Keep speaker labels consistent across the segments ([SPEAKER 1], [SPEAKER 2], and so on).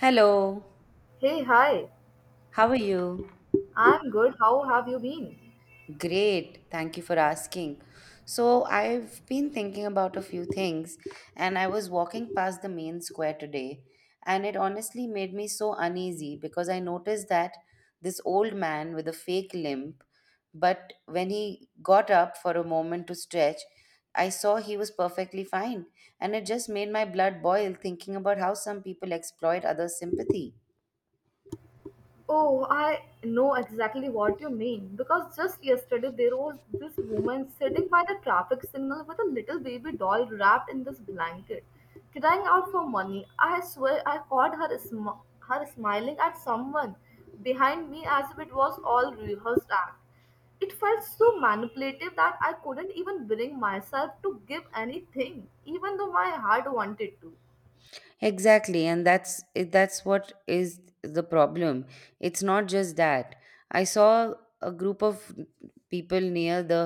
[SPEAKER 1] Hello,
[SPEAKER 2] Hey, hi.
[SPEAKER 1] how are you?
[SPEAKER 2] I'm good. How have you been?
[SPEAKER 1] Great, thank you for asking. So, I've been thinking about a few things, and I was walking past the main square today, and it honestly made me so uneasy because I noticed that this old man with a fake limp, but when he got up for a moment to stretch, I saw he was perfectly fine, and it just made my blood boil thinking about how some people exploit others' sympathy.
[SPEAKER 2] Oh, I know exactly what you mean because just yesterday there was this woman sitting by the traffic signal with a little baby doll wrapped in this blanket, crying out for money. I swear I caught her her smiling at someone behind me as if it was all rehearsed act. It felt so manipulative that I couldn't even bring myself to give anything, even though my heart wanted to.
[SPEAKER 1] Exactly, and that's what is the problem. It's not just that. I saw a group of people near the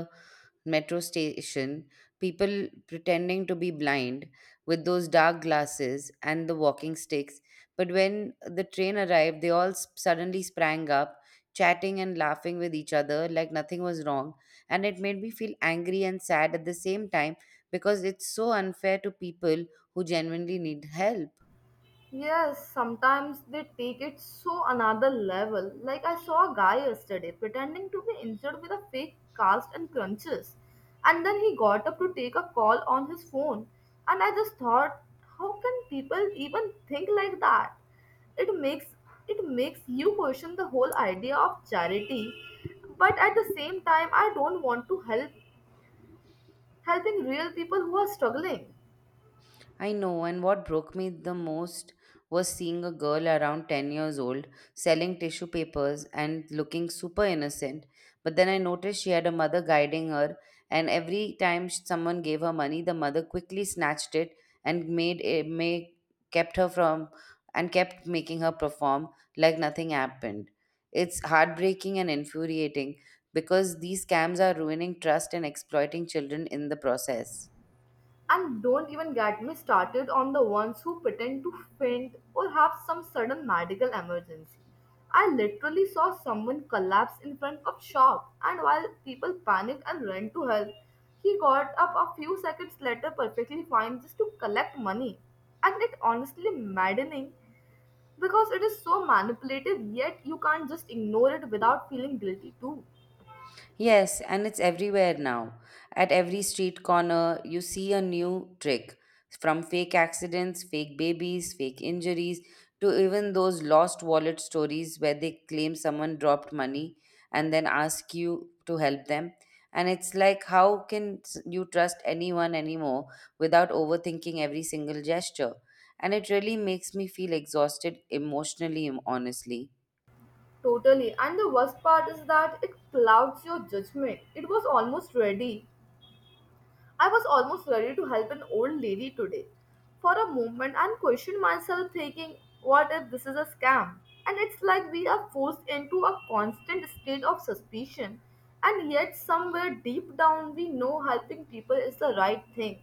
[SPEAKER 1] metro station, people pretending to be blind with those dark glasses and the walking sticks. But when the train arrived, suddenly sprang up, chatting and laughing with each other like nothing was wrong. And it made me feel angry and sad at the same time because it's so unfair to people who genuinely need help.
[SPEAKER 2] Yes, sometimes they take it so another level. Like I saw a guy yesterday pretending to be injured with a fake cast and crunches. And then he got up to take a call on his phone. And I just thought, how can people even think like that? It makes it makes you question the whole idea of charity. But at the same time I don't want to helping real people who are struggling.
[SPEAKER 1] I know, and what broke me the most was seeing a girl around 10 years old selling tissue papers and looking super innocent. But then I noticed she had a mother guiding her, and someone gave her money, the mother quickly snatched it and made it make kept her from and kept making her perform like nothing happened. It's heartbreaking and infuriating because these scams are ruining trust and exploiting children in the process.
[SPEAKER 2] And don't even get me started on the ones who pretend to faint or have some sudden medical emergency. I literally saw someone collapse in front of shop, and while people panicked and ran to help, he got up a few seconds later perfectly fine just to collect money. And it honestly maddening because it is so manipulative yet you can't just ignore it without feeling guilty too.
[SPEAKER 1] Yes, and it's everywhere now. At every street corner, you see a new trick from fake accidents, fake babies, fake injuries, to even those lost wallet stories where they claim someone dropped money and then ask you to help them. And it's like, you trust anyone anymore without overthinking every single gesture? And it really makes me feel exhausted emotionally, honestly.
[SPEAKER 2] Totally. And the worst part is that it clouds your judgment. It was almost ready. I was almost ready to help an old lady today. For a moment, I questioned myself, thinking, what if this is a scam? And it's like we are forced into a constant state of suspicion, and yet, somewhere deep down, we know helping people is the right thing.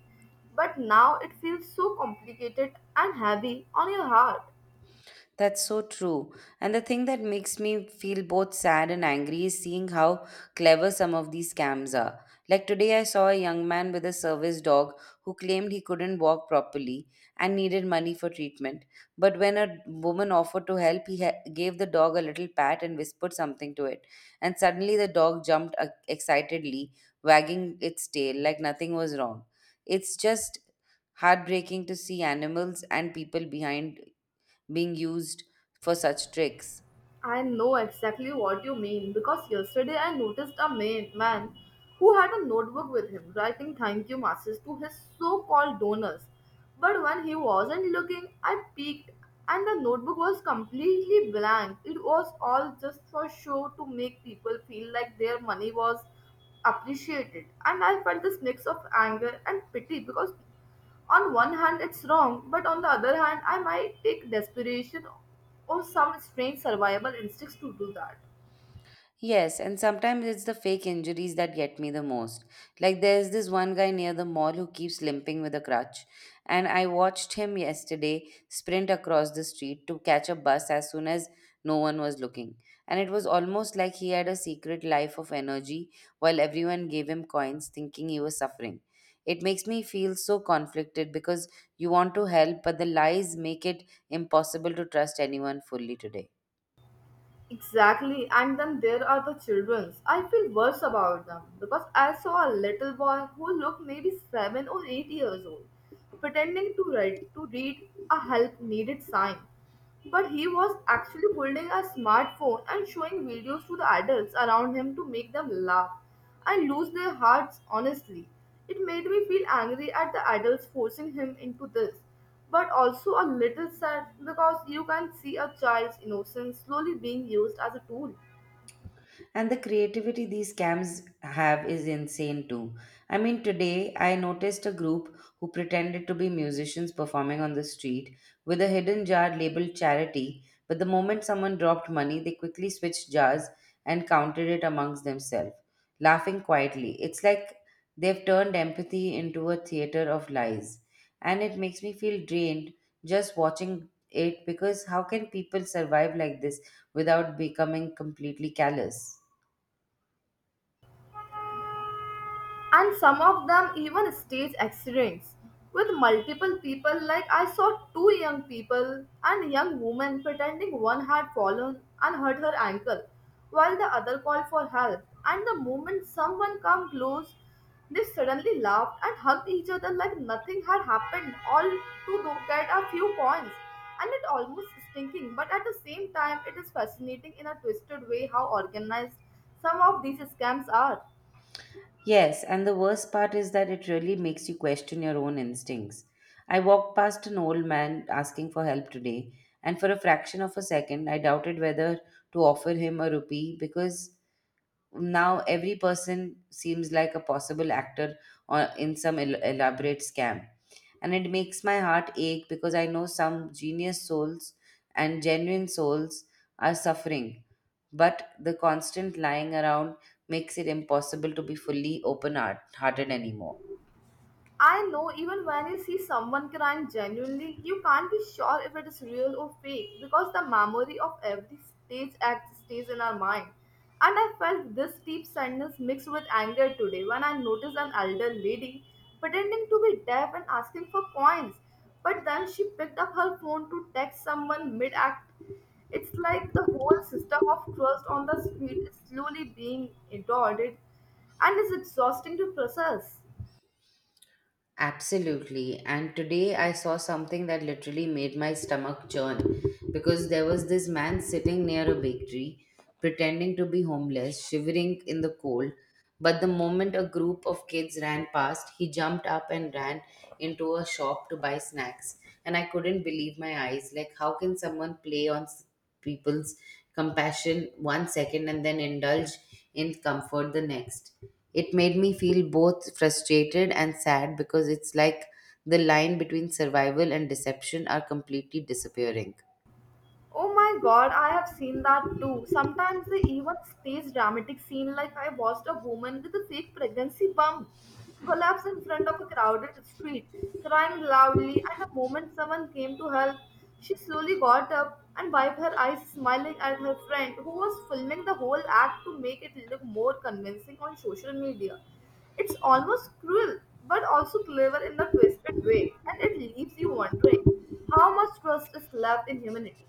[SPEAKER 2] But now it feels so complicated and heavy on your heart.
[SPEAKER 1] That's so true. And the thing that makes me feel both sad and angry is seeing how clever some of these scams are. Like today, I saw a young man with a service dog who claimed he couldn't walk properly and needed money for treatment. But when a woman offered to help, gave the dog a little pat and whispered something to it. And suddenly, the dog jumped excitedly, wagging its tail like nothing was wrong. It's just heartbreaking to see animals and people behind being used for such tricks.
[SPEAKER 2] I know exactly what you mean because yesterday I noticed a man who had a notebook with him writing thank you messages to his so called donors. But when he wasn't looking, I peeked and the notebook was completely blank. It was all just for show to make people feel like their money was appreciated. And I felt this mix of anger and pity because on one hand, it's wrong, but on the other hand, I might take desperation or some strange survival instincts to do that.
[SPEAKER 1] Yes, and sometimes it's the fake injuries that get me the most. Like there's this one guy near the mall who keeps limping with a crutch, and I watched him yesterday sprint across the street to catch a bus as soon as no one was looking. And it was almost like he had a secret life of energy while everyone gave him coins thinking he was suffering. It makes me feel so conflicted because you want to help, but the lies make it impossible to trust anyone fully today.
[SPEAKER 2] Exactly, and then there are the childrens. I feel worse about them because I saw a little boy who looked maybe 7 or 8 years old, pretending to write to read a help needed sign. But he was actually holding a smartphone and showing videos to the adults around him to make them laugh and lose their hearts honestly. It made me feel angry at the adults forcing him into this, but also a little sad because you can see a child's innocence slowly being used as a tool.
[SPEAKER 1] And the creativity these scams have is insane too. I mean, today I noticed a group who pretended to be musicians performing on the street with a hidden jar labeled charity, but the moment someone dropped money, they quickly switched jars and counted it amongst themselves, laughing quietly. It's like they've turned empathy into a theater of lies, and it makes me feel drained just watching it because how can people survive like this without becoming completely callous?
[SPEAKER 2] And some of them even stage accidents with multiple people. Like I saw two young people and young woman pretending one had fallen and hurt her ankle, while the other called for help, and the moment someone come close they suddenly laughed and hugged each other like nothing had happened, all to get a few points. And it almost stinking, but at the same time it is fascinating in a twisted way how organized some of these scams are.
[SPEAKER 1] Yes, and the worst part is that it really makes you question your own instincts. I walked past an old man asking for help today, and for a fraction of a second, I doubted whether to offer him a rupee because now every person seems like a possible actor or in some elaborate scam, and it makes my heart ache because I know some genius souls and genuine souls are suffering. But the constant lying around makes it impossible to be fully open hearted anymore.
[SPEAKER 2] I know, even when you see someone crying genuinely, you can't be sure if it is real or fake because the memory of every stage act stays in our mind. And I felt this deep sadness mixed with anger today when I noticed an elder lady pretending to be deaf and asking for coins. But then she picked up her phone to text someone mid act. It's like the whole system of trust on the street is slowly being eroded and is exhausting to process.
[SPEAKER 1] Absolutely. And today I saw something that literally made my stomach churn because there was this man sitting near a bakery, pretending to be homeless, shivering in the cold. But the moment a group of kids ran past, he jumped up and ran into a shop to buy snacks. And I couldn't believe my eyes. Like, how can someone play on people's compassion one second and then indulge in comfort the next. It made me feel both frustrated and sad because it's like the line between survival and deception are completely disappearing.
[SPEAKER 2] Oh my god, I have seen that too. Sometimes they even stage dramatic scene like I watched a woman with a fake pregnancy bump collapse in front of a crowded street, crying loudly, and the moment someone came to help, she slowly got up and wiped her eyes, smiling at her friend who was filming the whole act to make it look more convincing on social media. It's almost cruel, but also clever in the twisted way, and it leaves you wondering how much trust is left in humanity.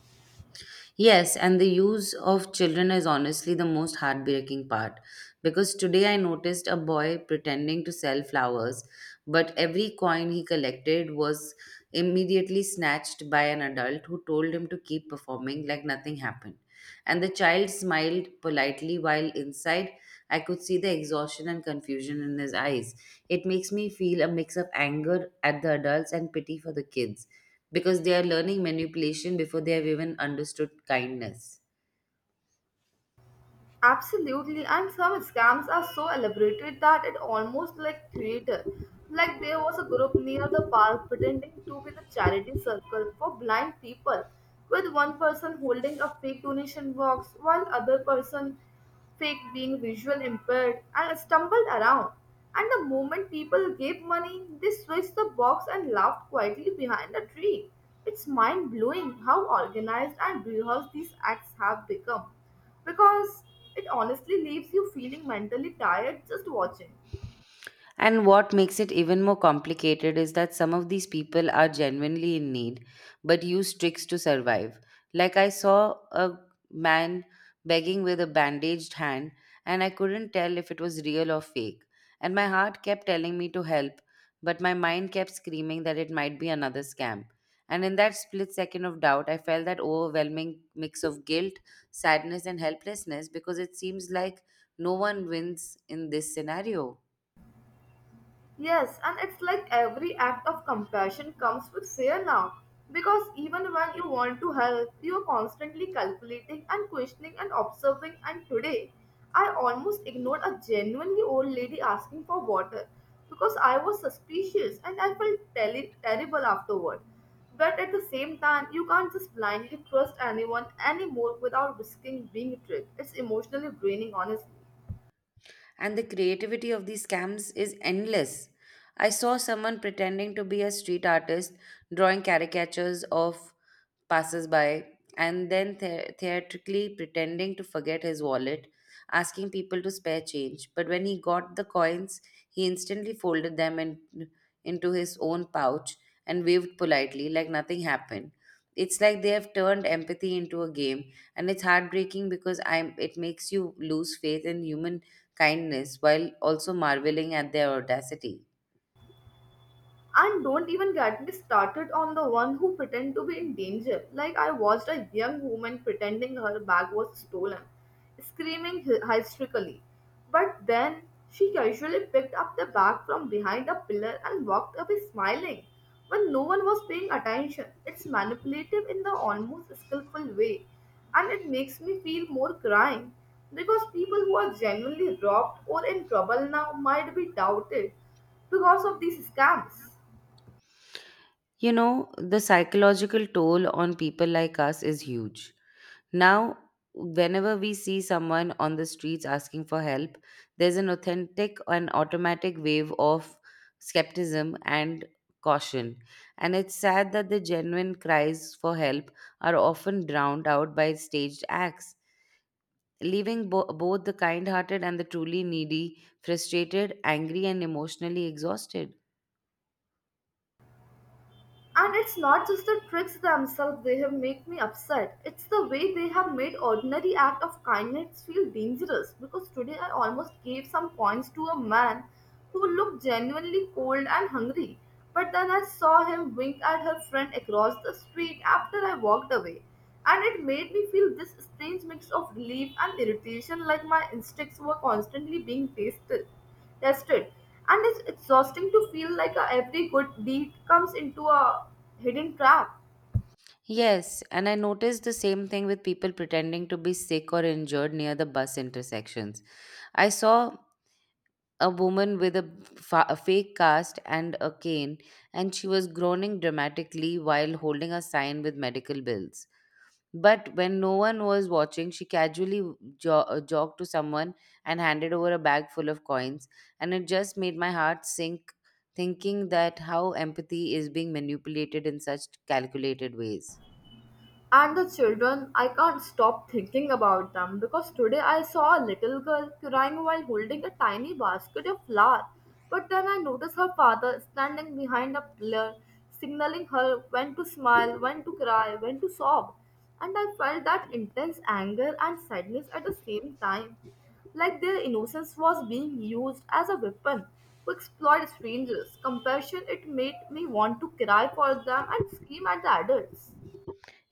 [SPEAKER 1] Yes, and the use of children is honestly the most heartbreaking part because today I noticed a boy pretending to sell flowers, but every coin he collected was immediately snatched by an adult who told him to keep performing like nothing happened. And the child smiled politely while inside I could see the exhaustion and confusion in his eyes. It makes me feel a mix of anger at the adults and pity for the kids because they are learning manipulation before they have even understood kindness.
[SPEAKER 2] Absolutely, and some scams are so elaborated that it almost like theater. Like there was a group near the park pretending to be the charity circle for blind people, with one person holding a fake donation box while other person fake being visual impaired, and stumbled around. And the moment people gave money, they switched the box and laughed quietly behind the tree. It's mind blowing how organized and rehearsed these acts have become, because it honestly leaves you feeling mentally tired just watching.
[SPEAKER 1] And what makes it even more complicated is that some of these people are genuinely in need, but use tricks to survive. Like I saw a man begging with a bandaged hand, and I couldn't tell if it was real or fake. And my heart kept telling me to help, but my mind kept screaming that it might be another scam. And in that split second of doubt, I felt that overwhelming mix of guilt, sadness, and helplessness because it seems like no one wins in this scenario.
[SPEAKER 2] Yes, and it's like every act of compassion comes with fear now. Because even when you want to help, you are constantly calculating and questioning and observing. And today, I almost ignored a genuinely old lady asking for water because I was suspicious, and I felt terrible afterward. But at the same time, you can't just blindly trust anyone anymore without risking being tricked. It's emotionally draining, honestly.
[SPEAKER 1] And the creativity of these scams is endless. I saw someone pretending to be a street artist, drawing caricatures of passersby, and then theatrically pretending to forget his wallet, asking people to spare change. But when he got the coins, he instantly folded them in, into his own pouch and waved politely like nothing happened. It's like they have turned empathy into a game, and it's heartbreaking because I'm it makes you lose faith in human kindness while also marveling at their audacity.
[SPEAKER 2] And don't even get me started on the one who pretend to be in danger. Like I watched a young woman pretending her bag was stolen, screaming hysterically. But then she casually picked up the bag from behind a pillar and walked away smiling when no one was paying attention. It's manipulative in the almost skillful way, and it makes me feel more crying because people who are genuinely robbed or in trouble now might be doubted because of these scams.
[SPEAKER 1] You know, the psychological toll on people like us is huge. Now, whenever we see someone on the streets asking for help, there's an authentic and automatic wave of skepticism and caution. And it's sad that the genuine cries for help are often drowned out by staged acts, leaving both the kind hearted and the truly needy frustrated, angry, and emotionally exhausted.
[SPEAKER 2] And it's not just the tricks themselves they have make me upset. It's the way they have made ordinary act of kindness feel dangerous. Because today I almost gave some coins to a man who looked genuinely cold and hungry. But then I saw him wink at her friend across the street after I walked away. And it made me feel this strange mix of relief and irritation, like my instincts were constantly being tested, and it's exhausting to feel like every good deed comes into a hidden trap.
[SPEAKER 1] Yes, and I noticed the same thing with people pretending to be sick or injured near the bus intersections. I saw a woman with a fake cast and a cane, and she was groaning dramatically while holding a sign with medical bills. But when no one was watching, she casually jogged to someone and handed over a bag full of coins, and it just made my heart sink thinking that how empathy is being manipulated in such calculated ways.
[SPEAKER 2] And the children, I can't stop thinking about them because today I saw a little girl crying while holding a tiny basket of flour. But then I noticed her father standing behind a pillar, signaling her when to smile, when to cry, when to sob. And I felt that intense anger and sadness at the same time, like their innocence was being used as a weapon to exploit strangers. Compassion, it made me want to cry for them and scream at the adults.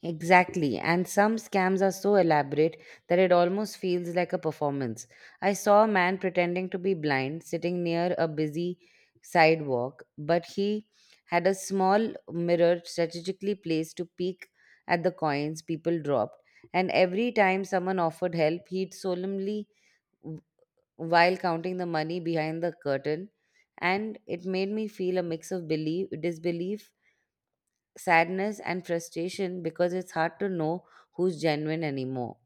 [SPEAKER 1] Exactly, and some scams are so elaborate that it almost feels like a performance. I saw a man pretending to be blind sitting near a busy sidewalk, but he had a small mirror strategically placed to peek at the coins people dropped, and every time someone offered help, w- while counting the money behind the curtain, and it made me feel a mix of belief, disbelief, sadness and frustration because it's hard to know who's genuine anymore.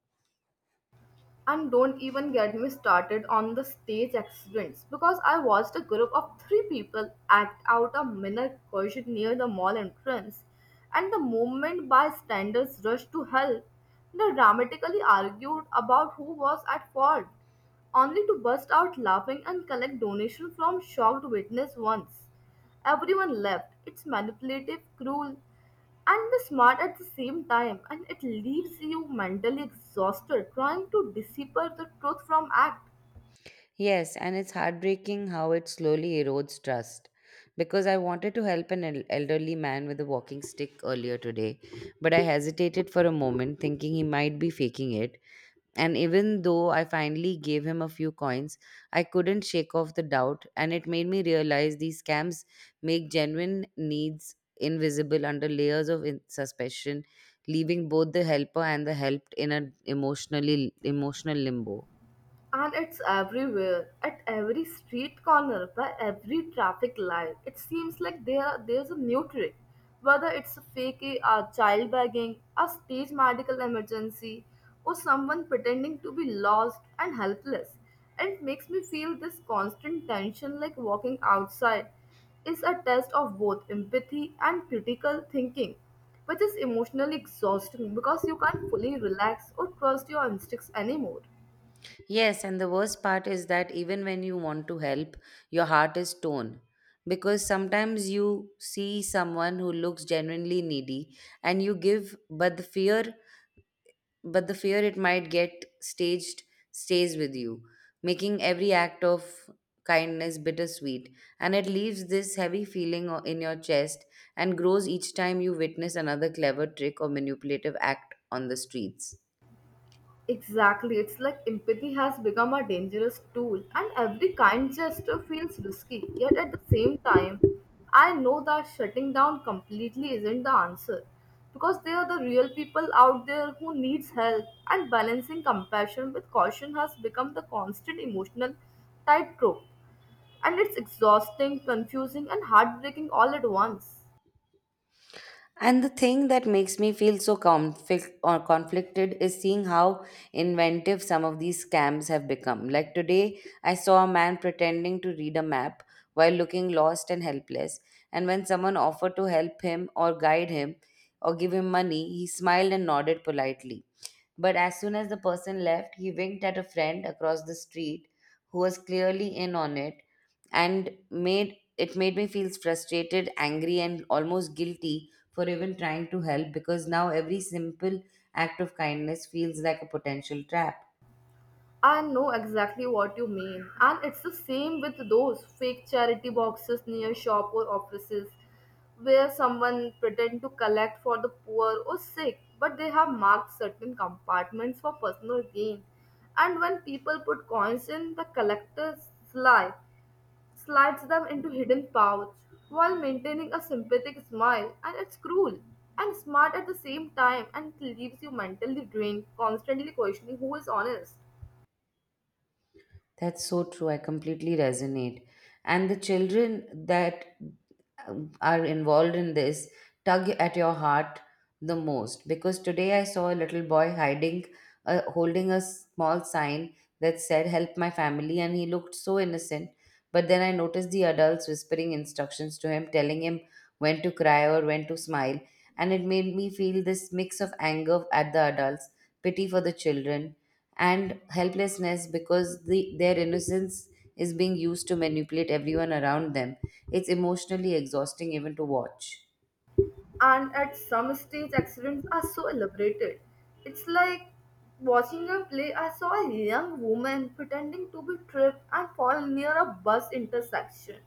[SPEAKER 2] And don't even get me started on the stage accidents, because I watched a group of three people act out a minor collision near the mall entrance, and the moment bystanders rushed to help, they dramatically argued about who was at fault, only to burst out laughing and collect donation from shocked witness once. Everyone left. It's manipulative, cruel, and the smart at the same time, and it leaves you mentally exhausted trying to decipher the truth from act.
[SPEAKER 1] Yes, and it's heartbreaking how it slowly erodes trust. Because I wanted to help an elderly man with a walking stick earlier today, but I hesitated for a moment, thinking he might be faking it. And even though I finally gave him a few coins, I couldn't shake off the doubt, and it made me realize these scams make genuine needs invisible under layers of suspicion, leaving both the helper and the helped in an emotional limbo.
[SPEAKER 2] And it's everywhere, at every street corner, by every traffic light. It seems like there's a new trick. Whether it's a fake a child begging, a stage medical emergency, or someone pretending to be lost and helpless. And it makes me feel this constant tension, like walking outside is a test of both empathy and critical thinking, which is emotionally exhausting because you can't fully relax or trust your instincts anymore.
[SPEAKER 1] Yes, and the worst part is that even when you want to help, your heart is torn. Because sometimes you see someone who looks genuinely needy and you give, but the fear it might get staged stays with you, making every act of kindness bittersweet. And it leaves this heavy feeling in your chest and grows each time you witness another clever trick or manipulative act on the streets.
[SPEAKER 2] Exactly, it's like empathy has become a dangerous tool, and every kind gesture feels risky. Yet at the same time, I know that shutting down completely isn't the answer because there are the real people out there who needs help, and balancing compassion with caution has become the constant emotional tightrope, and it's exhausting, confusing, and heartbreaking all at once.
[SPEAKER 1] And the thing that makes me feel so conflicted is seeing how inventive some of these scams have become. Like today, I saw a man pretending to read a map while looking lost and helpless. And when someone offered to help him or guide him or give him money, he smiled and nodded politely. But as soon as the person left, he winked at a friend across the street who was clearly in on it and made me feel frustrated, angry and almost guilty for even trying to help because now every simple act of kindness feels like a potential trap.
[SPEAKER 2] I know exactly what you mean. And it's the same with those fake charity boxes near shop or offices, where someone pretend to collect for the poor or sick, but they have marked certain compartments for personal gain. And when people put coins in, the collector sly slides them into hidden pouch while maintaining a sympathetic smile, and it's cruel and smart at the same time, and it leaves you mentally drained, constantly questioning who is honest.
[SPEAKER 1] That's so true. I completely resonate. And the children that are involved in this tug at your heart the most because today I saw a little boy hiding, holding a small sign that said, "Help my family," and he looked so innocent. But then I noticed the adults whispering instructions to him, telling him when to cry or when to smile. And it made me feel this mix of anger at the adults, pity for the children, and helplessness because their innocence is being used to manipulate everyone around them. It's emotionally exhausting even to watch.
[SPEAKER 2] And at some stage accidents are so elaborated it's like watching a play. I saw a young woman pretending to be tripped and fall near a bus intersection,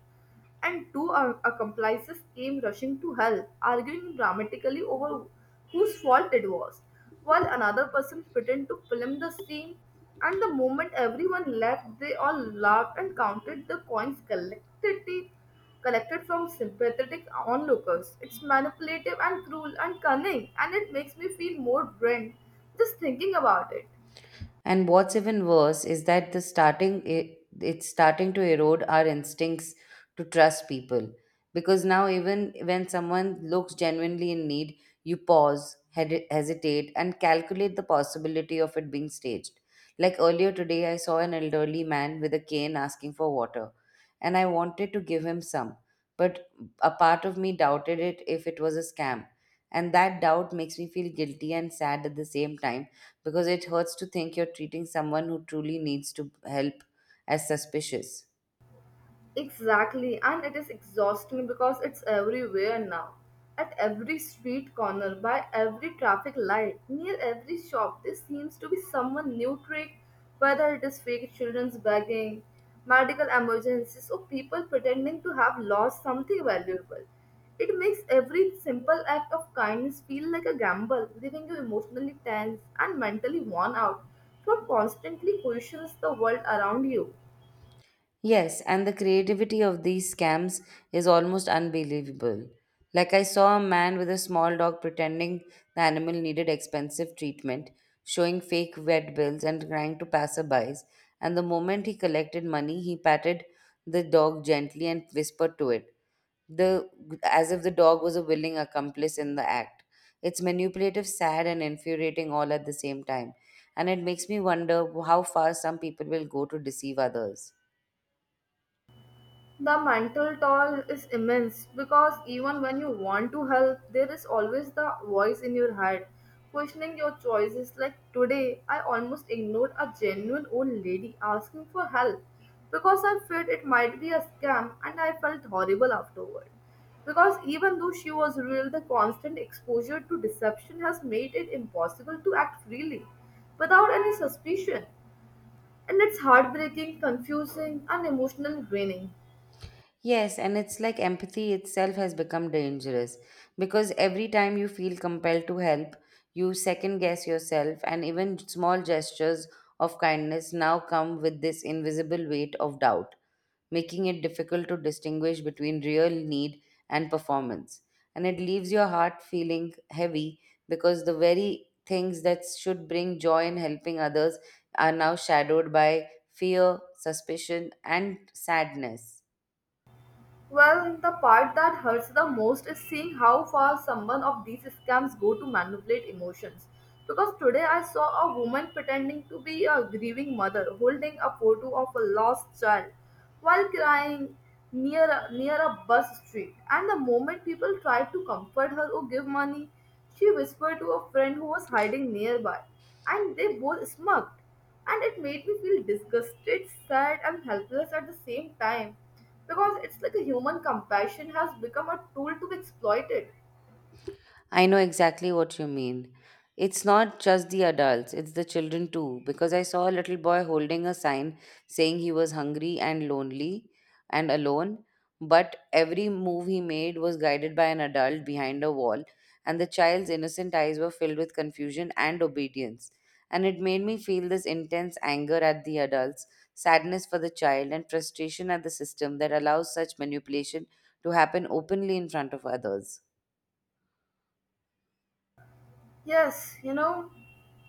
[SPEAKER 2] and two accomplices came rushing to help, arguing dramatically over whose fault it was, while another person pretended to film the scene. And the moment everyone left, they all laughed and counted the coins collected from sympathetic onlookers. It's manipulative and cruel and cunning, and it makes me feel more drained just thinking about it.
[SPEAKER 1] And what's even worse is that it's starting to erode our instincts to trust people because now even when someone looks genuinely in need, you pause, hesitate, and calculate the possibility of it being staged. Like earlier today, I saw an elderly man with a cane asking for water, and I wanted to give him some, but a part of me doubted it if it was a scam. And that doubt makes me feel guilty and sad at the same time because it hurts to think you're treating someone who truly needs to help as suspicious.
[SPEAKER 2] Exactly, and it is exhausting because it's everywhere now. At every street corner, by every traffic light, near every shop, there seems to be someone new trick, whether it is fake children's begging, medical emergencies, or people pretending to have lost something valuable. It makes every simple act of kindness feel like a gamble, leaving you emotionally tense and mentally worn out from constantly questions the world around you.
[SPEAKER 1] Yes, and the creativity of these scams is almost unbelievable. Like, I saw a man with a small dog pretending the animal needed expensive treatment, showing fake vet bills and crying to passerbys. And the moment he collected money, he patted the dog gently and whispered to it, the, as if the dog was a willing accomplice in the act. It's manipulative, sad, and infuriating all at the same time. And it makes me wonder how far some people will go to deceive others.
[SPEAKER 2] The mental toll is immense because even when you want to help, there is always the voice in your head questioning your choices. Like today, I almost ignored a genuine old lady asking for help because I feared it might be a scam and I felt horrible afterward. Because even though she was real, the constant exposure to deception has made it impossible to act freely without any suspicion, and it's heartbreaking, confusing, and emotionally draining.
[SPEAKER 1] Yes, and it's like empathy itself has become dangerous because every time you feel compelled to help, you second guess yourself, and even small gestures of kindness now come with this invisible weight of doubt, making it difficult to distinguish between real need and performance. And it leaves your heart feeling heavy because the very things that should bring joy in helping others are now shadowed by fear, suspicion, and sadness.
[SPEAKER 2] Well, the part that hurts the most is seeing how far someone of these scams go to manipulate emotions. Because today I saw a woman pretending to be a grieving mother holding a photo of a lost child while crying near a bus street. And the moment people tried to comfort her or give money, she whispered to a friend who was hiding nearby, and they both smirked and it made me feel disgusted, sad, and helpless at the same time because it's like a human compassion has become a tool to be exploited.
[SPEAKER 1] I know exactly what you mean. It's not just the adults, it's the children too, because I saw a little boy holding a sign saying he was hungry and lonely and alone, but every move he made was guided by an adult behind a wall, and the child's innocent eyes were filled with confusion and obedience. And it made me feel this intense anger at the adults, sadness for the child, and frustration at the system that allows such manipulation to happen openly in front of others.
[SPEAKER 2] Yes, you know,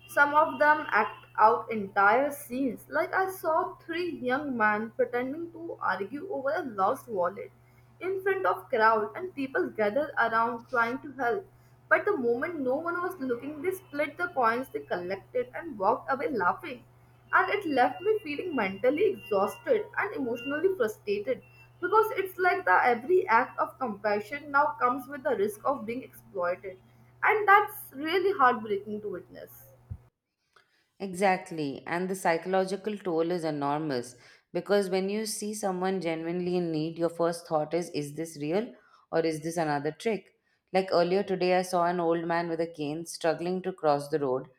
[SPEAKER 2] some of them act out entire scenes. Like I saw three young men pretending to argue over a lost wallet in front of crowd and people gathered around trying to help. But the moment no one was looking, they split the coins they collected and walked away laughing. And it left me feeling mentally exhausted and emotionally frustrated because it's like the every act of compassion now comes with the risk of being exploited and that's really heartbreaking to witness.
[SPEAKER 1] Exactly. And the psychological toll is enormous because when you see someone genuinely in need, your first thought is this real or is this another trick? Like earlier today, I saw an old man with a cane struggling to cross the road.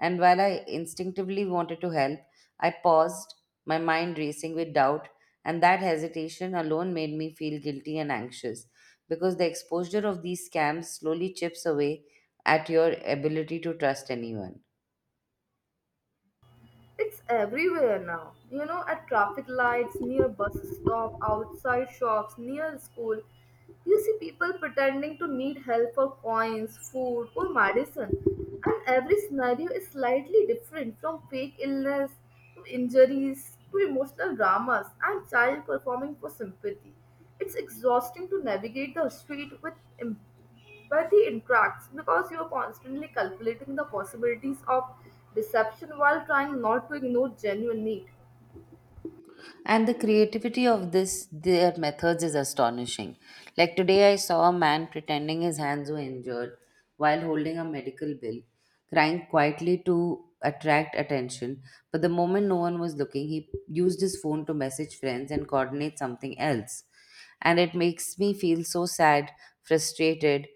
[SPEAKER 1] And while I instinctively wanted to help, I paused, my mind racing with doubt. And that hesitation alone made me feel guilty and anxious because the exposure of these scams slowly chips away at your ability to trust anyone.
[SPEAKER 2] It's everywhere now, you know, at traffic lights, near bus stop, outside shops, near school. You see people pretending to need help for coins, food, or medicine, and every scenario is slightly different from fake illness to injuries to emotional dramas and child performing for sympathy. It's exhausting to navigate the street with em- where he interacts because you are constantly calculating the possibilities of deception while trying not to ignore genuine need.
[SPEAKER 1] And the creativity of this their methods is astonishing. Like today I saw a man pretending his hands were injured while holding a medical bill, crying quietly to attract attention, but the moment no one was looking, he used his phone to message friends and coordinate something else, and it makes me feel so sad, frustrated,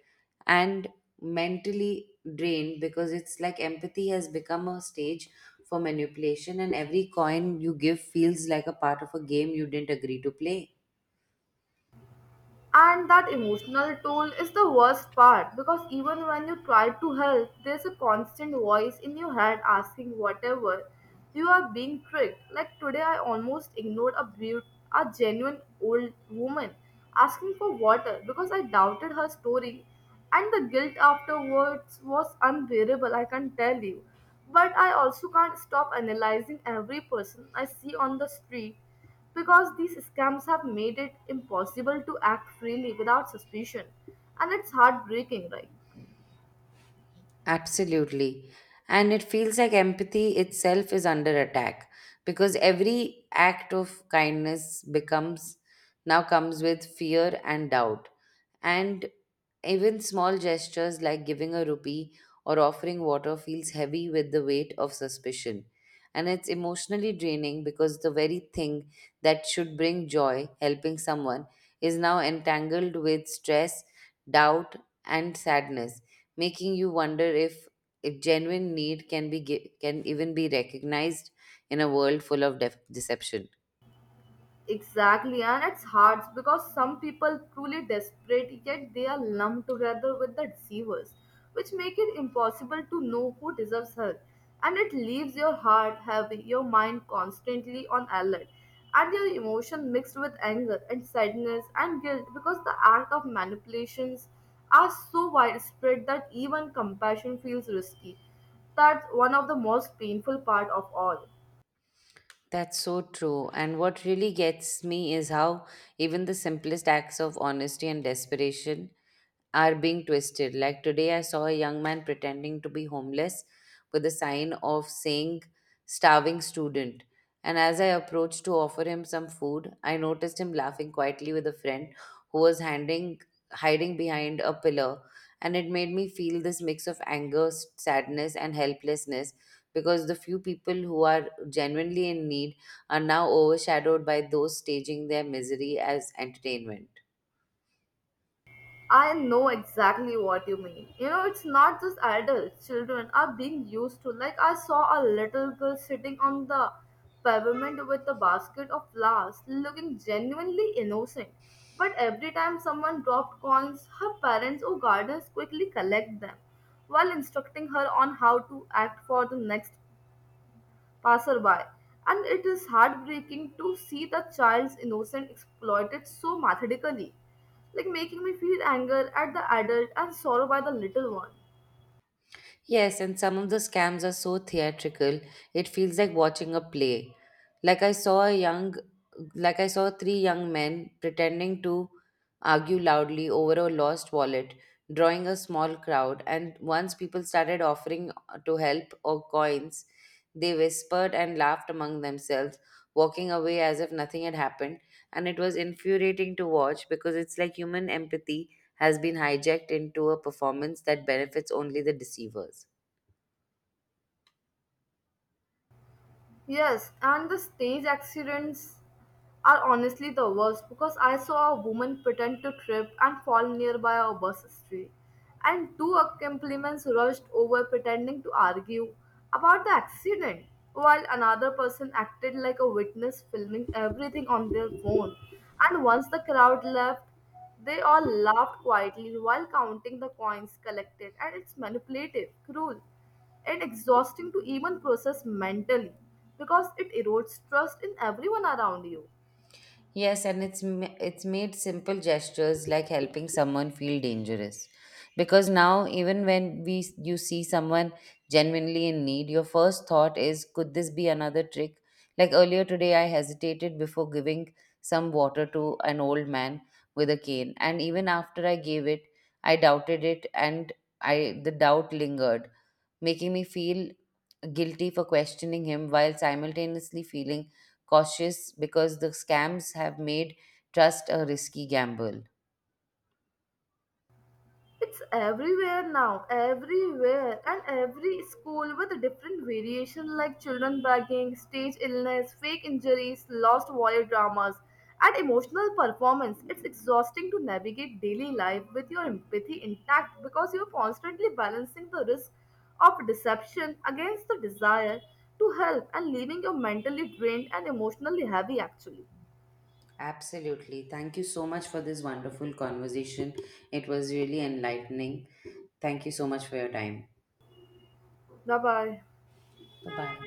[SPEAKER 1] and mentally drained because it's like empathy has become a stage for manipulation, and every coin you give feels like a part of a game you didn't agree to play.
[SPEAKER 2] And that emotional toll is the worst part because even when you try to help, there's a constant voice in your head asking whatever. You are being tricked. Like today, I almost ignored a a genuine old woman asking for water because I doubted her story, and the guilt afterwards was unbearable. I can tell you, but I also can't stop analyzing every person I see on the street because these scams have made it impossible to act freely without suspicion, and it's heartbreaking, right?
[SPEAKER 1] Absolutely. And it feels like empathy itself is under attack because every act of kindness becomes now comes with fear and doubt. And even small gestures like giving a rupee or offering water feels heavy with the weight of suspicion. And it's emotionally draining because the very thing that should bring joy, helping someone, is now entangled with stress, doubt, and sadness, making you wonder if genuine need can even be recognized in a world full of deception.
[SPEAKER 2] Exactly, and it's hard because some people truly desperate yet they are lumped together with the deceivers, which make it impossible to know who deserves help. And it leaves your heart heavy, your mind constantly on alert, and your emotion mixed with anger and sadness and guilt because the act of manipulations are so widespread that even compassion feels risky. That's one of the most painful part of all.
[SPEAKER 1] That's so true. And what really gets me is how even the simplest acts of honesty and desperation are being twisted. Like today, I saw a young man pretending to be homeless with a sign of saying starving student. And as I approached to offer him some food, I noticed him laughing quietly with a friend who was hiding behind a pillar. And it made me feel this mix of anger, sadness, and helplessness because the few people who are genuinely in need are now overshadowed by those staging their misery as entertainment.
[SPEAKER 2] I know exactly what you mean. You know, it's not just adults, children are being used to. Like, I saw a little girl sitting on the pavement with a basket of flowers, looking genuinely innocent. But every time someone dropped coins, her parents or gardeners quickly collect them while instructing her on how to act for the next passerby, and it is heartbreaking to see the child's innocence exploited so methodically, like making me feel anger at the adult and sorrow by the little one.
[SPEAKER 1] Yes, and some of the scams are so theatrical, it feels like watching a play. Like I saw a young, like I saw three young men pretending to argue loudly over a lost wallet, drawing a small crowd. And once people started offering to help or coins, they whispered and laughed among themselves, walking away as if nothing had happened. And it was infuriating to watch because it's like human empathy has been hijacked into a performance that benefits only the deceivers.
[SPEAKER 2] Yes, and the stage accidents are honestly the worst because I saw a woman pretend to trip and fall nearby a bus stray, and two accompaniments rushed over pretending to argue about the accident, while another person acted like a witness, filming everything on their phone. And once the crowd left, they all laughed quietly while counting the coins collected, and it's manipulative, cruel and exhausting to even process mentally because it erodes trust in everyone around you.
[SPEAKER 1] Yes, and it's made simple gestures like helping someone feel dangerous. Because now even when we you see someone genuinely in need, your first thought is, could this be another trick? Like earlier today I hesitated before giving some water to an old man with a cane, and even after I gave it, I doubted it and I the doubt lingered, making me feel guilty for questioning him while simultaneously feeling cautious because the scams have made trust a risky gamble.
[SPEAKER 2] It's everywhere now, everywhere, and every school with a different variation like children begging, stage illness, fake injuries, lost warrior dramas, and emotional performance. It's exhausting to navigate daily life with your empathy intact because you're constantly balancing the risk of deception against the desire to help and leaving you mentally drained and emotionally heavy actually.
[SPEAKER 1] Absolutely. Thank you so much for this wonderful conversation. It was really enlightening. Thank you so much for your time.
[SPEAKER 2] Bye bye.
[SPEAKER 1] Bye bye.